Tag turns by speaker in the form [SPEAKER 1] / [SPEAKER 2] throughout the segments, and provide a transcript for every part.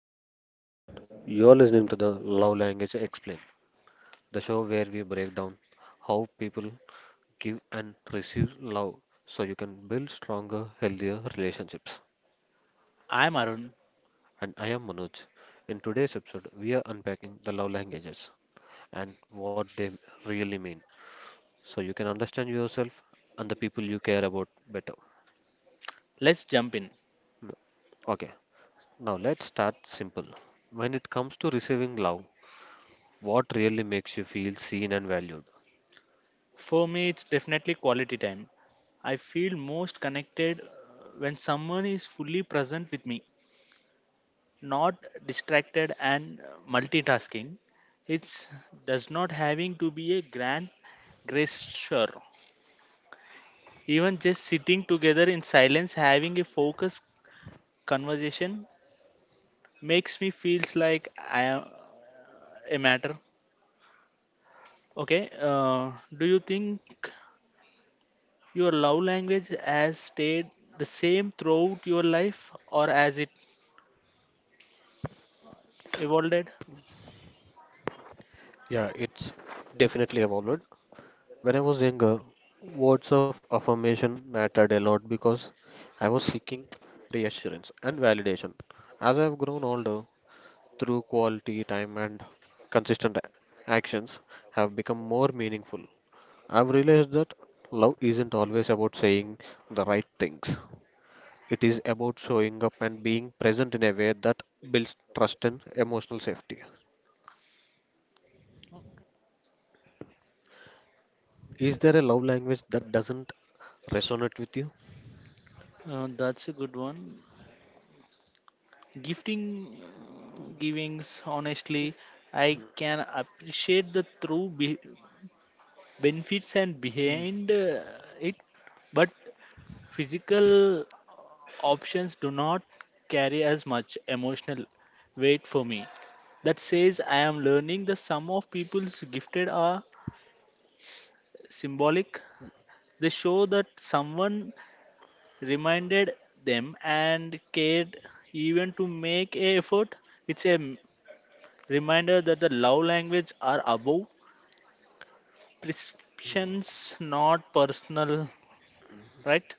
[SPEAKER 1] Hi everyone, you're listening to the Love Language Explain, the show where we break down how people give and receive love so you can build stronger, healthier relationships.
[SPEAKER 2] I'm Arun.
[SPEAKER 1] And I am Manoj. In today's episode, we are unpacking the love languages and what they really mean so you can understand yourself and the people you care about better.
[SPEAKER 2] Let's jump in.
[SPEAKER 1] Okay, now let's start simple. When it comes to receiving love, what really makes you feel seen and valued?
[SPEAKER 2] For me, it's definitely quality time. I feel most connected when someone is fully present with me, not distracted and multitasking. It's does not having to be a grand gesture. Even just sitting together in silence, having a focused conversation makes me feels like I am a matter. Okay. Do you think Your love language has stayed the same throughout your life or as it evolved?
[SPEAKER 1] Yeah, it's definitely evolved. When I was younger, words of affirmation mattered a lot because I was seeking reassurance and validation. As I've grown older, through quality time and consistent actions have become more meaningful. I've realized that love isn't always about saying the right things. It is about showing up and being present in a way that builds trust and emotional safety. Is there a love language that doesn't resonate with you?
[SPEAKER 2] That's a good one. Gifting givings, honestly, I can appreciate the true benefits and behind it, but physical options do not carry as much emotional weight for me. That says I am learning the sum of people's gifted are symbolic. They show that someone reminded them and cared even to make a effort. It's a reminder that the love language are above prescriptions, not personal, right?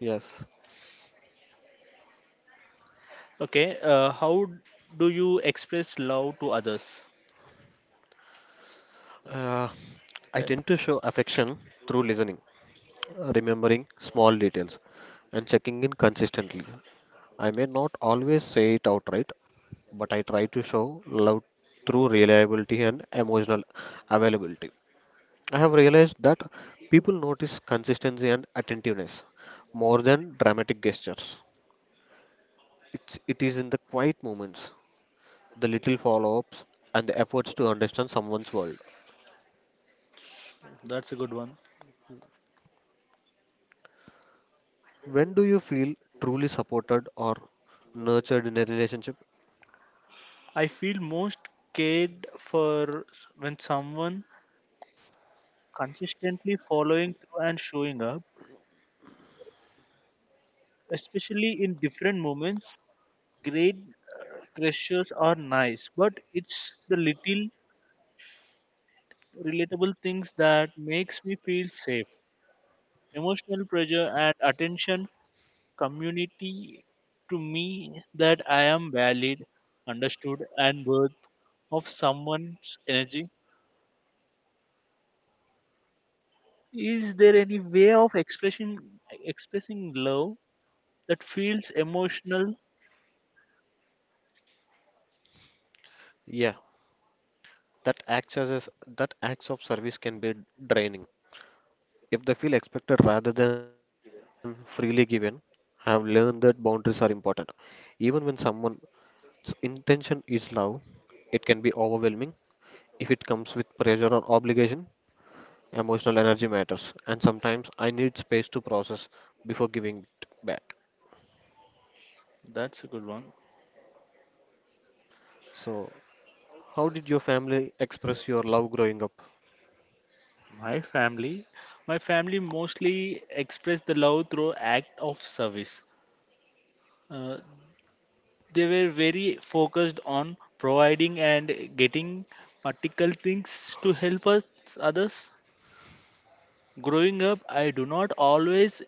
[SPEAKER 1] Yes.
[SPEAKER 2] Okay, how do you express love to others?
[SPEAKER 1] Uh, I
[SPEAKER 2] Uh,
[SPEAKER 1] tend to show affection through listening, remembering small details, and checking in consistently. I may not always say it outright, but I try to show love through reliability and emotional availability. I have realized that people notice consistency and attentiveness more than dramatic gestures. It is in the quiet moments, the little follow ups, and the efforts to understand someone's world.
[SPEAKER 2] that's a good one.
[SPEAKER 1] When do you feel truly supported or nurtured in a relationship?
[SPEAKER 2] I feel most cared for when someone consistently following through and showing up, especially in different moments. Great gestures are nice, but it's the little relatable things that makes me feel safe. Emotional pressure and attention community to me that I am valid, understood, and worth of someone's energy. Is there any way of expressing love that feels emotional?
[SPEAKER 1] Yeah, that acts as a- that acts of service can be draining. If they feel expected rather than freely given, I have learned that boundaries are important. Even when someone's intention is love, it can be overwhelming if it comes with pressure or obligation. Emotional energy matters, and sometimes I need space to process before giving it back.
[SPEAKER 2] That's a good one.
[SPEAKER 1] So, how did your family express your love growing up?
[SPEAKER 2] My family, my family mostly express the love through act of service. Uh, they were very focused on providing and getting practical things to help us others. Growing up, I do not always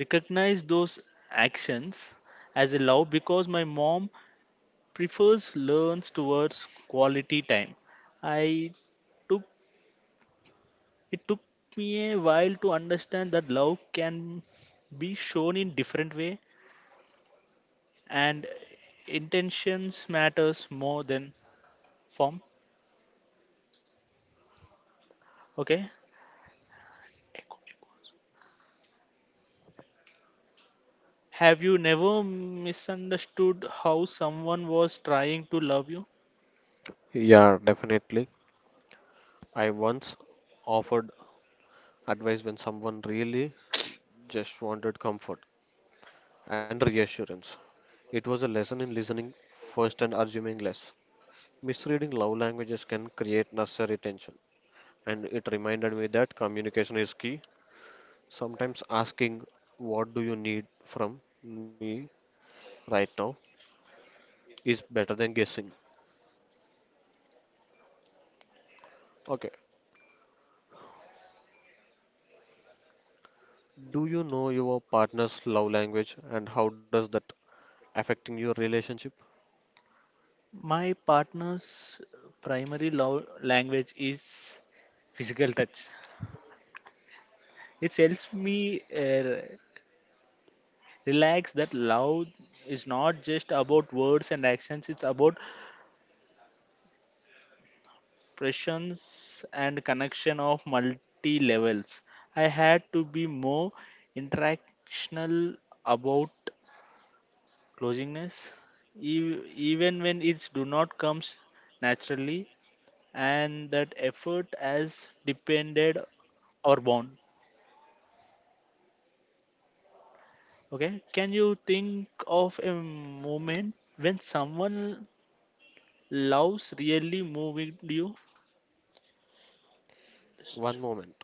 [SPEAKER 2] recognize those actions as a love because my mom prefers learns towards quality time. I took it took me a while to understand that love can be shown in different way and intentions matters more than form. Okay. Have you never misunderstood how someone was trying to love you?
[SPEAKER 1] Yeah, definitely. I once offered advice when someone really just wanted comfort and reassurance. It was a lesson in listening first and assuming less. Misreading love languages can create necessary tension, and it reminded me that communication is key. Sometimes asking, "What do you need from me right now?" is better than guessing. Okay, do you know your partner's love language and how does that affecting your relationship?
[SPEAKER 2] My partner's primary love language is physical touch. It helps me relax that love is not just about words and actions, it's about presence and connection of multi levels. I had to be more interactional about closingness ev- even when it do not comes naturally and that effort as depended or born. Okay, can you think of a moment when someone loves really moving you.
[SPEAKER 1] One moment.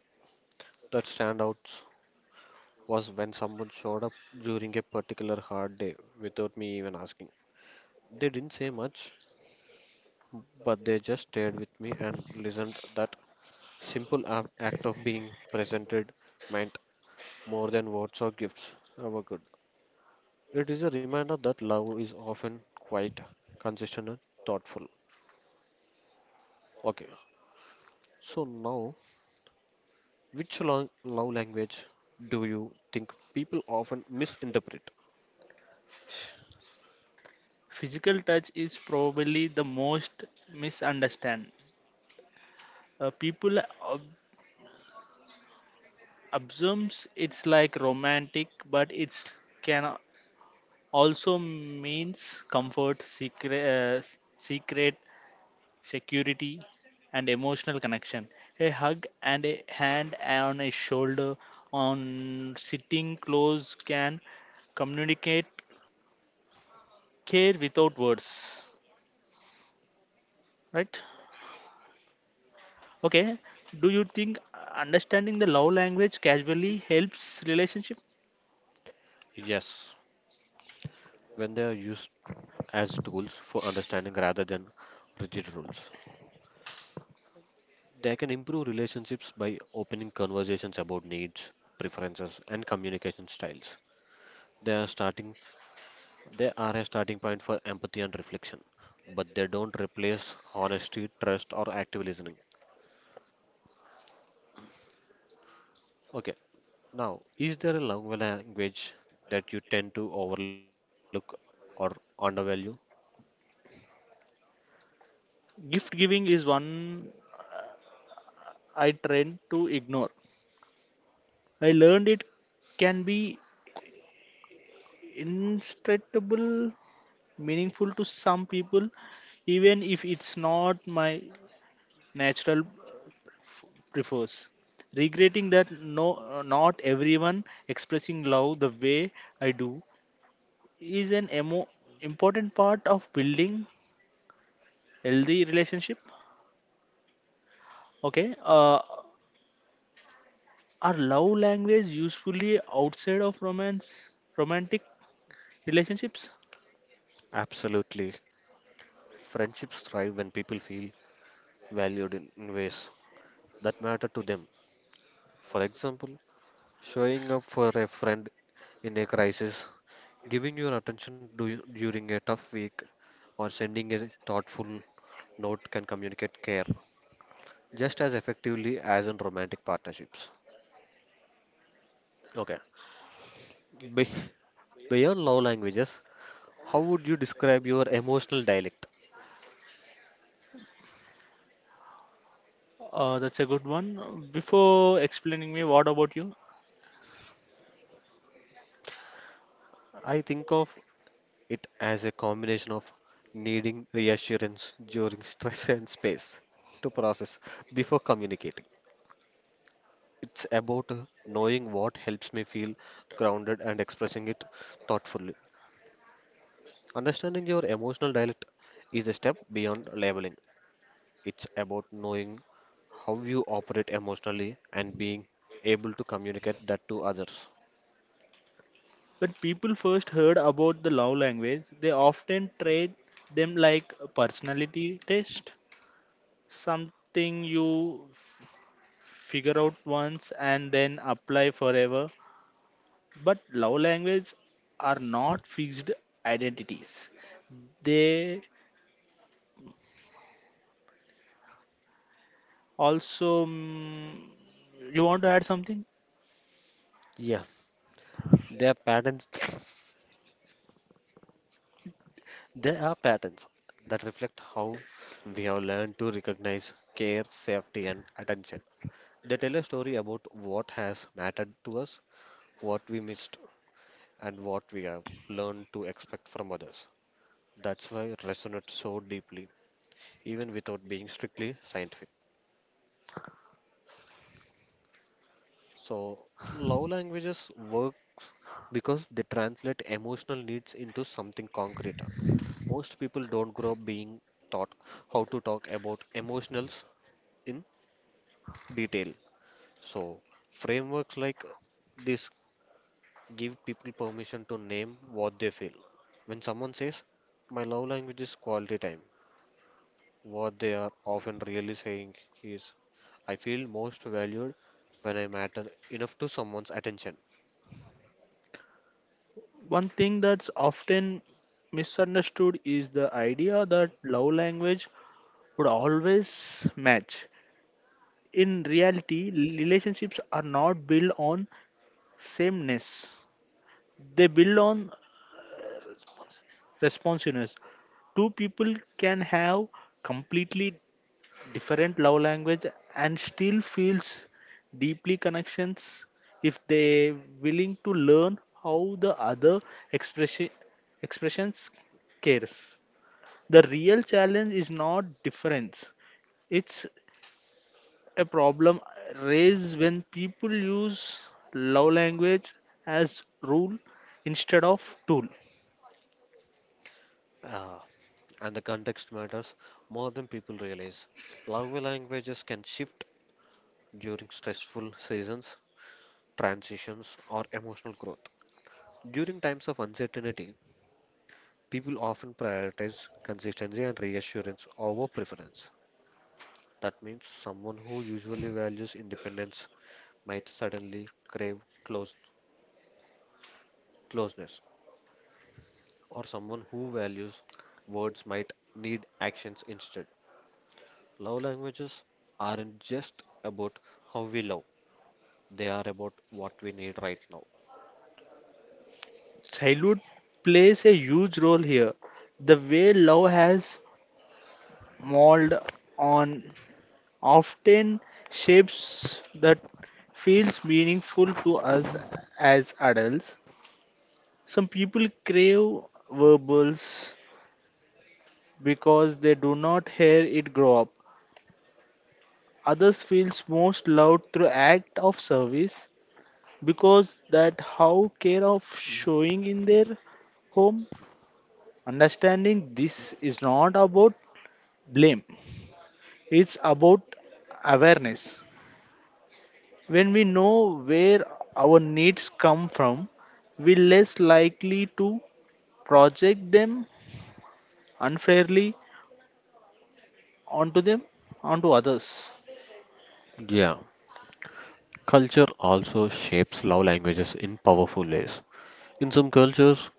[SPEAKER 1] That standout was when someone showed up during a particular hard day without me even asking. They didn't say much, but they just stayed with me and listened. That simple act of being presented meant more than words or gifts ever could. It is a reminder that love is often quite consistent and thoughtful. Okay, so now, which love language do you think people often misinterpret?
[SPEAKER 2] Physical touch is probably the most misunderstand. People ob- assumes it's like romantic but it's can also means comfort, secret, secret security, and emotional connection. A hug and a hand on a shoulder, on sitting close, can communicate care without words. Right? Okay. Do you think understanding the love language casually helps relationship?
[SPEAKER 1] Yes, when they are used as tools for understanding rather than rigid rules. They can improve relationships by opening conversations about needs, preferences, and communication styles. They are starting they are a starting point for empathy and reflection, but they don't replace honesty, trust, or active listening. Okay, now is there a love language that you tend to overlook or undervalue?
[SPEAKER 2] Gift giving is one I tend to ignore. I learned it can be instructable meaningful to some people, even if it's not my natural prefers. Regretting that no, not everyone expressing love the way I do is an important part of building healthy relationship. Okay, are love language usefully outside of romance, romantic relationships?
[SPEAKER 1] Absolutely. Friendships thrive when people feel valued in ways that matter to them. For example, showing up for a friend in a crisis, giving your attention during a tough week, or sending a thoughtful note can communicate care just as effectively as in romantic partnerships. Okay. Be- Beyond love languages, how would you describe your emotional dialect?
[SPEAKER 2] That's a good one. Before explaining me, what about you?
[SPEAKER 1] I think of it as a combination of needing reassurance during stress and space to process before communicating. It's about knowing what helps me feel grounded and expressing it thoughtfully. Understanding your emotional dialect is a step beyond labeling. It's about knowing how you operate emotionally and being able to communicate that to others.
[SPEAKER 2] When people first heard about the love language, they often treat them like a personality test, something you figure out once and then apply forever. But love language are not fixed identities. They also you want to add something?
[SPEAKER 1] Yeah, there are patterns. There are patterns that reflect how we have learned to recognize care, safety, and attention. They tell a story about what has mattered to us, what we missed, and what we have learned to expect from others. That's why it resonates so deeply, even without being strictly scientific. So, love languages work because they translate emotional needs into something concrete. Most people don't grow up being taught how to talk about emotionals in detail. So, frameworks like this give people permission to name what they feel. When someone says, "My love language is quality time," what they are often really saying is, "I feel most valued when I matter enough to someone's attention."
[SPEAKER 2] One thing that's often misunderstood is the idea that love language would always match in reality relationships are not built on sameness they build on uh, responsiveness two people can have completely different love language and still feels deeply connections if they willing to learn how the other expression expressions cares the real challenge is not difference it's a problem raised when people use love language as rule instead of tool.
[SPEAKER 1] Ah, and the context matters more than people realize. Love languages can shift during stressful seasons, transitions, or emotional growth. During times of uncertainty, people often prioritize consistency and reassurance over preference. That means someone who usually values independence might suddenly crave close, closeness, or someone who values words might need actions instead. Love languages aren't just about how we love, they are about what we need right now.
[SPEAKER 2] Childhood plays a huge role here. The way love has molded on often shapes that feels meaningful to us as adults. Some people crave verbals because they do not hear it grow up. Others feels most loved through act of service because that how care of showing in their home. Understanding this is not about blame, it's about awareness. When we know where our needs come from we are less likely to project them unfairly onto them onto others.
[SPEAKER 1] Yeah, culture also shapes love languages in powerful ways. In some cultures,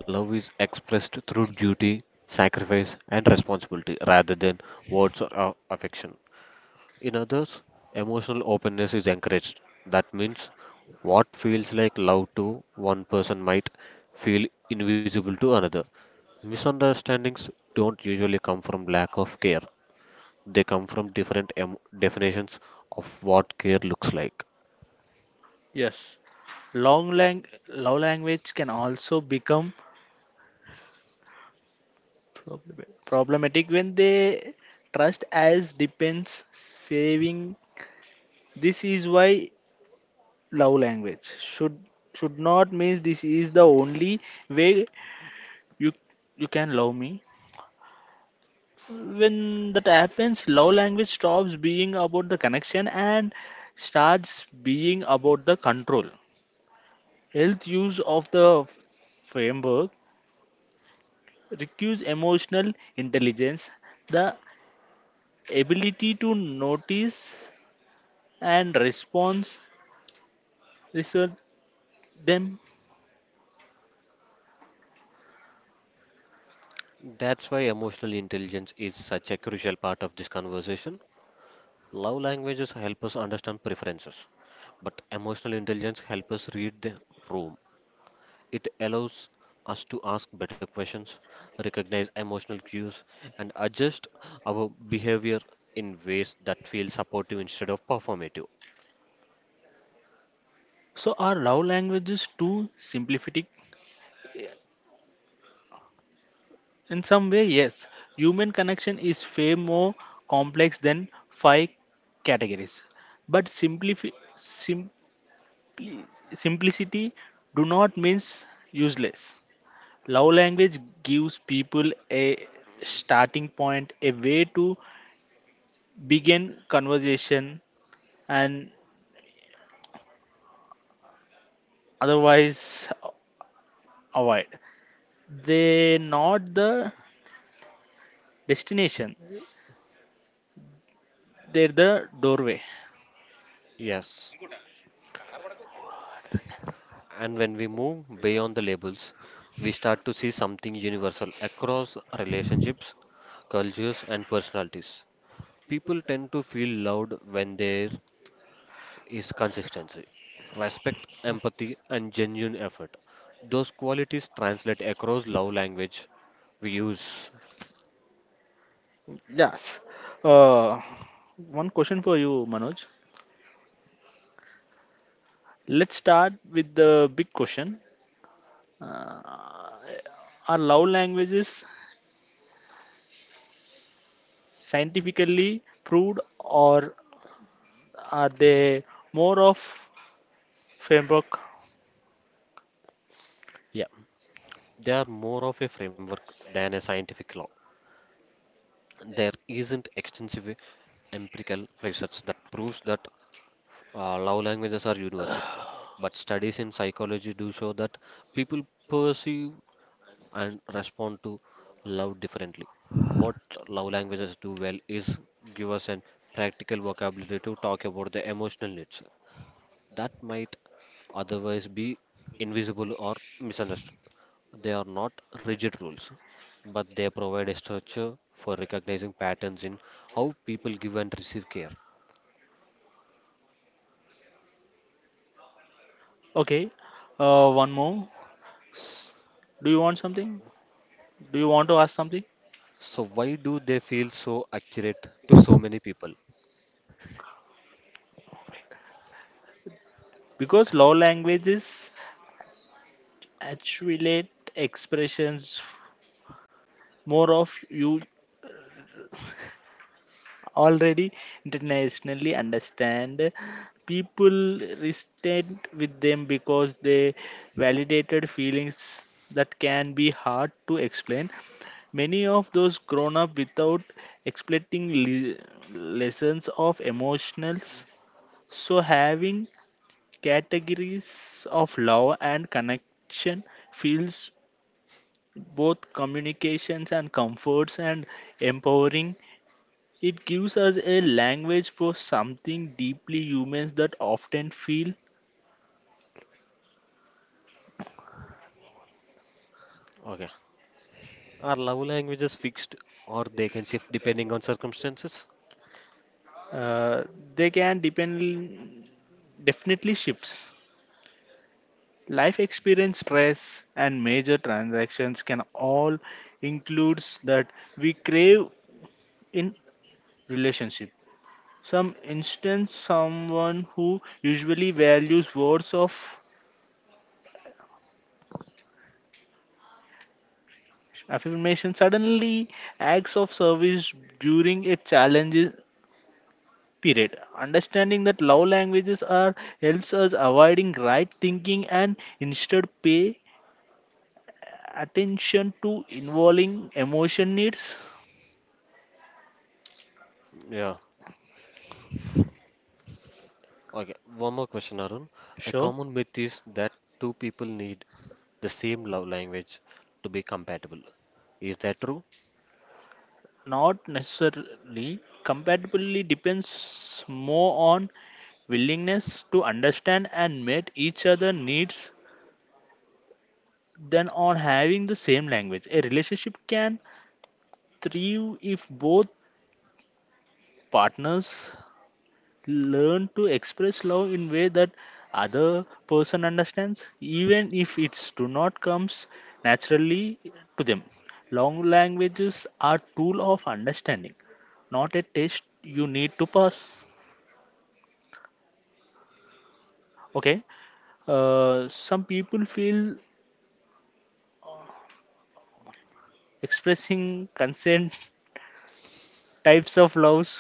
[SPEAKER 1] love is expressed through duty, sacrifice, and responsibility rather than words or affection. In others, emotional openness is encouraged. That means what feels like love to one person might feel invisible to another. Misunderstandings don't usually come from lack of care, they come from different definitions of what care looks like.
[SPEAKER 2] Yes, love language can also become problematic when they trust as depends saving. This is why love language should not mean this is the only way you you can love me. When that happens, love language stops being about the connection and starts being about the control. Health use of the framework requires emotional intelligence, the ability to notice and response research them.
[SPEAKER 1] That's why emotional intelligence is such a crucial part of this conversation. Love languages help us understand preferences, but emotional intelligence helps us read the room. It allows us to ask better questions, recognize emotional cues, and adjust our behavior in ways that feel supportive instead of performative.
[SPEAKER 2] So are love languages too simplistic? In some way, yes. Human connection is far more complex than five categories. But simpli- simplicity do not means useless. Love language gives people a starting point, a way to begin conversation and otherwise avoid. They not the destination, they're the doorway.
[SPEAKER 1] Yes, and when we move beyond the labels, we start to see something universal across relationships, cultures, and personalities. People tend to feel loved when they is consistency. Respect, empathy, and genuine effort. Those qualities translate across love language we use.
[SPEAKER 2] Yes. Uh, one question for you, Manoj. Let's start with the big question. Uh, are love languages scientifically proved or are they more of framework?
[SPEAKER 1] Yeah, they are more of a framework than a scientific law. There isn't extensive empirical research that proves that love languages are universal, but studies in psychology do show that people perceive and respond to love differently. What love languages do well is give us an practical vocabulary to talk about the emotional needs that might otherwise be invisible or misunderstood. They are not rigid rules, but they provide a structure for recognizing patterns in how people give and receive care.
[SPEAKER 2] Okay. One more. S- Do you want something? Do you want to ask something?
[SPEAKER 1] So why do they feel so accurate to so many people?
[SPEAKER 2] Because love languages actually expressions more of you already internationally understand. People resonate with them because they validated feelings that can be hard to explain. Many of those grown up without expecting lessons of emotionals. So having categories of love and connection feels both communications and comforts and empowering it gives us a language for something deeply humans that often feel.
[SPEAKER 1] Okay. Are love languages fixed or they can shift depending on circumstances?
[SPEAKER 2] uh, they can depend definitely shifts. Life experience, stress, and major transactions can all includes that we crave in relationship. Some instance, someone who usually values words of affirmation suddenly acts of service during a challenge period. Understanding that love languages are helps us avoiding right thinking and instead pay attention to involving emotion needs.
[SPEAKER 1] Yeah. Okay, one more question, Arun. A
[SPEAKER 2] Sure,
[SPEAKER 1] common myth is that two people need the same love language to be compatible. Is that true?
[SPEAKER 2] not necessarily compatibility depends more on willingness to understand and meet each other needs than on having the same language. A relationship can thrive if both partners learn to express love in way that other person understands even if it's do not comes naturally to them. Long languages are tool of understanding, not a test you need to pass. Okay, some people feel expressing consent types of loves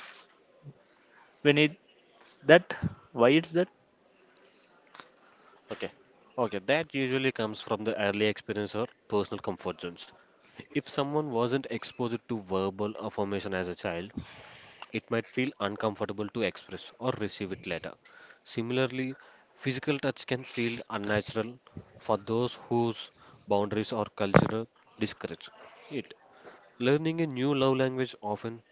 [SPEAKER 2] when it's that why it's that.
[SPEAKER 1] Okay. Okay, that usually comes from the early experience or personal comfort zones. If someone wasn't exposed to verbal affirmation as a child, it might feel uncomfortable to express or receive it later. Similarly, physical touch can feel unnatural for those whose boundaries or culture discourage it. Learning a new love language often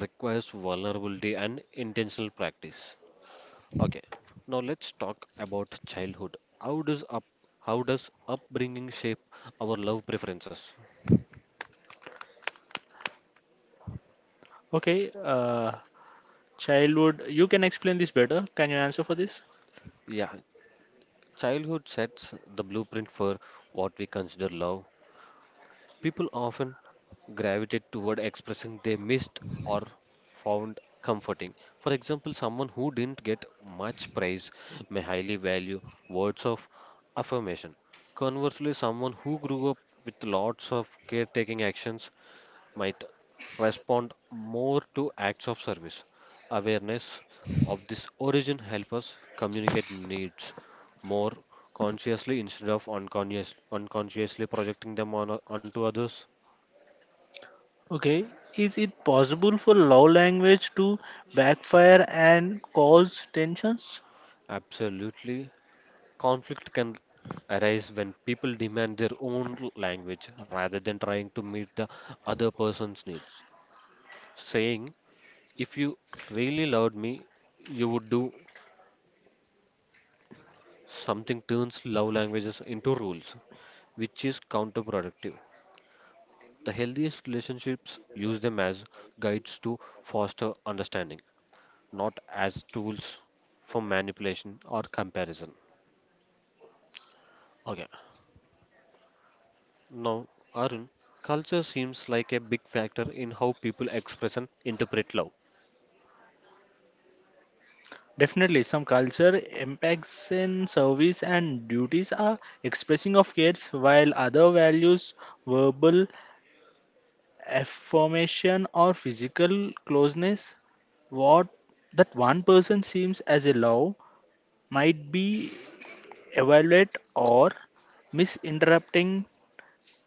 [SPEAKER 1] requires vulnerability and intentional practice. Okay, now let's talk about childhood. How does upbringing shape our love preferences?
[SPEAKER 2] Okay, childhood you can explain this better, can you answer for this.
[SPEAKER 1] Yeah, childhood sets the blueprint for what we consider love. People often gravitate toward expressing they missed or found comforting. For example, someone who didn't get much praise may highly value words of affirmation. Conversely, someone who grew up with lots of caretaking actions might respond more to acts of service. Awareness of this origin helps us communicate needs more consciously instead of unconsciously projecting them onto others.
[SPEAKER 2] Okay, is it possible for love language to backfire and cause tensions?
[SPEAKER 1] Absolutely. Conflict can arise when people demand their own language rather than trying to meet the other person's needs. Saying, "If you really loved me, you would do something" turns love languages into rules, which is counterproductive. The healthiest relationships use them as guides to foster understanding, not as tools for manipulation or comparison. Okay. Now, Arun, culture seems like a big factor in how people express and interpret love.
[SPEAKER 2] Definitely, some culture impacts in service and duties are expressing of cares, while other values verbal affirmation or physical closeness. What that one person seems as a love might be evaluated or misinterpreting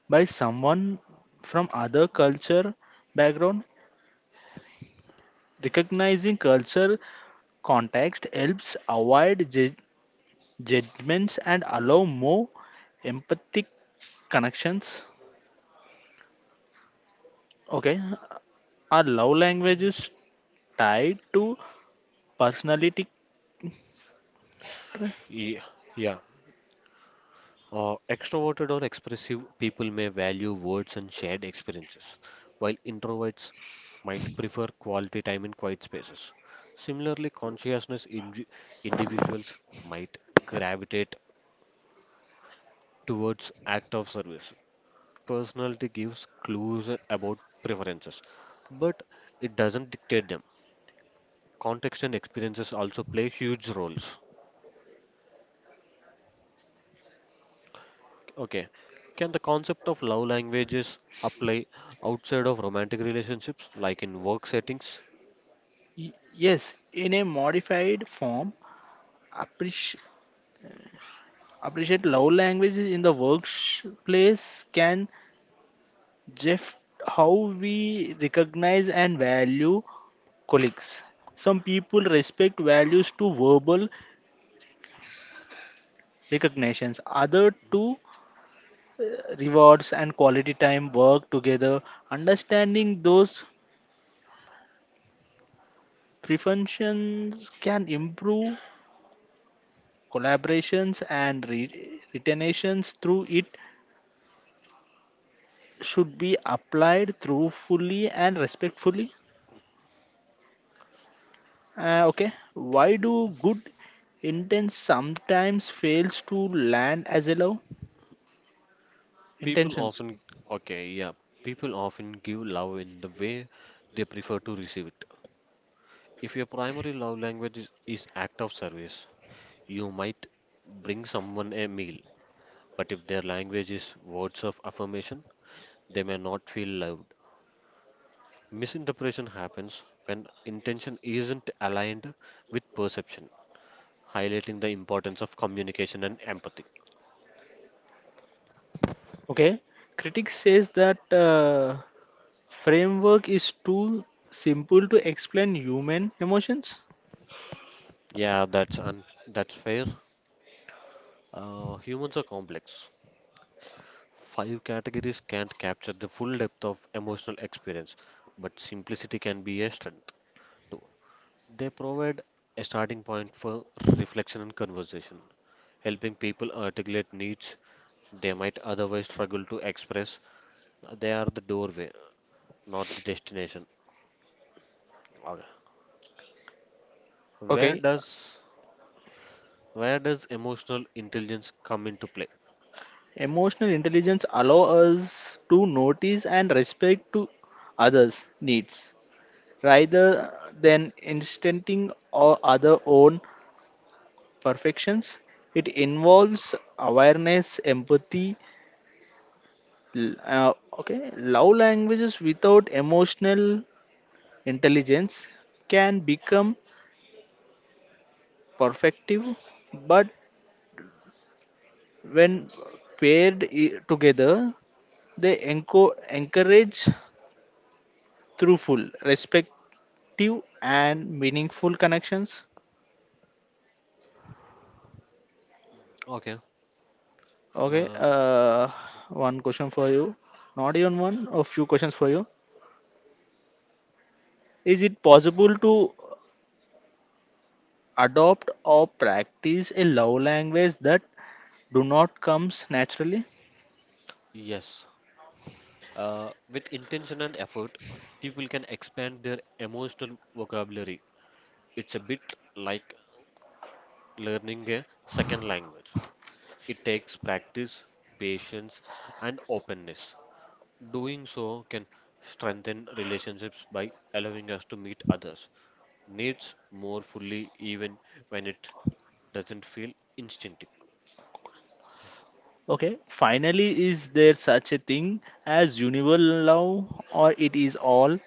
[SPEAKER 2] by someone from other culture background. Recognizing culture context helps avoid judgments and allow more empathic connections. Okay, our love language is tied to personality.
[SPEAKER 1] Yeah, yeah. Extroverted or expressive people may value words and shared experiences, while introverts might prefer quality time in quiet spaces. Similarly, consciousness individuals might gravitate towards act of service. Personality gives clues about preferences, but it doesn't dictate them. Context and experiences also play huge roles. Okay, can the concept of love languages apply outside of romantic relationships, like in work settings?
[SPEAKER 2] Yes, in a modified form, appreci- appreciate love languages in the workplace can shift how we recognize and value colleagues. Some people respect values to verbal recognitions. Other two rewards and quality time work together. Understanding those preferences can improve collaborations and retentions through it should be applied through fully and respectfully. Okay, why do good intents sometimes fails to land as a love
[SPEAKER 1] People
[SPEAKER 2] intentions?
[SPEAKER 1] often, okay, yeah, people often give love in the way they prefer to receive it. If your primary love language is act of service, you might bring someone a meal, but if their language is words of affirmation, they may not feel loved. Misinterpretation happens when intention isn't aligned with perception, highlighting the importance of communication and empathy.
[SPEAKER 2] Okay, critics says that. Framework is too simple to explain human emotions.
[SPEAKER 1] Yeah, that's fair. Humans are complex. Five categories can't capture the full depth of emotional experience, but simplicity can be a strength too. They provide a starting point for reflection and conversation, helping people articulate needs they might otherwise struggle to express. They are the doorway, not the destination. Okay. Where
[SPEAKER 2] Okay,
[SPEAKER 1] does where does emotional intelligence come into play?
[SPEAKER 2] emotional intelligence allows us to notice and respect to others' needs rather than instincting or other own perfections. It involves awareness, empathy, l- uh, okay, love languages without emotional intelligence can become perfective, but when paired together, they encourage through full, respective, and meaningful connections.
[SPEAKER 1] Okay.
[SPEAKER 2] Okay,
[SPEAKER 1] Uh,
[SPEAKER 2] one question for you. Not even one, a few questions for you. Is it possible to adopt or practice a love language that do not comes naturally?
[SPEAKER 1] yes. With intention and effort, people can expand their emotional vocabulary. It's a bit like learning a second language. It takes practice, patience, and openness. Doing so can strengthen relationships by allowing us to meet others' needs more fully, even when it doesn't feel instinctive.
[SPEAKER 2] Okay, finally, is there such a thing as universal love or it is all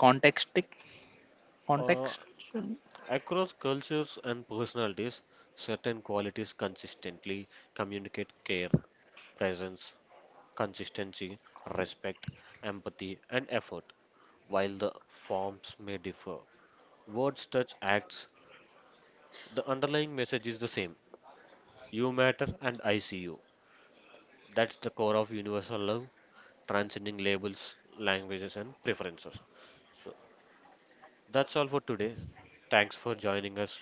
[SPEAKER 2] contextic?
[SPEAKER 1] Uh,
[SPEAKER 2] Context?
[SPEAKER 1] Across cultures and personalities, certain qualities consistently communicate care, presence, consistency, respect, empathy, and effort. While the forms may differ, words touch acts, the underlying message is the same. You matter and I see you. That's the core of universal love, transcending labels, languages, and preferences. So that's all for today. Thanks for joining us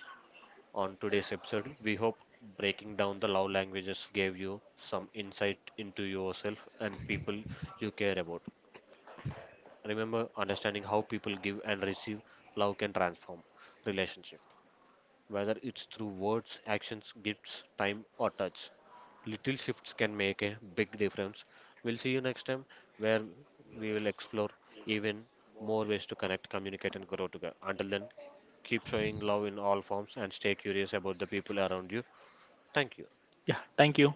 [SPEAKER 1] on today's episode. We hope breaking down the love languages gave you some insight into yourself and people you care about. Remember, understanding how people give and receive love can transform relationship, whether it's through words, actions, gifts, time, or touch. Little shifts can make a big difference. We'll see you next time where we will explore even more ways to connect, communicate, and grow together. Until then, keep showing love in all forms and stay curious about the people around you. Thank you.
[SPEAKER 2] Yeah, thank you.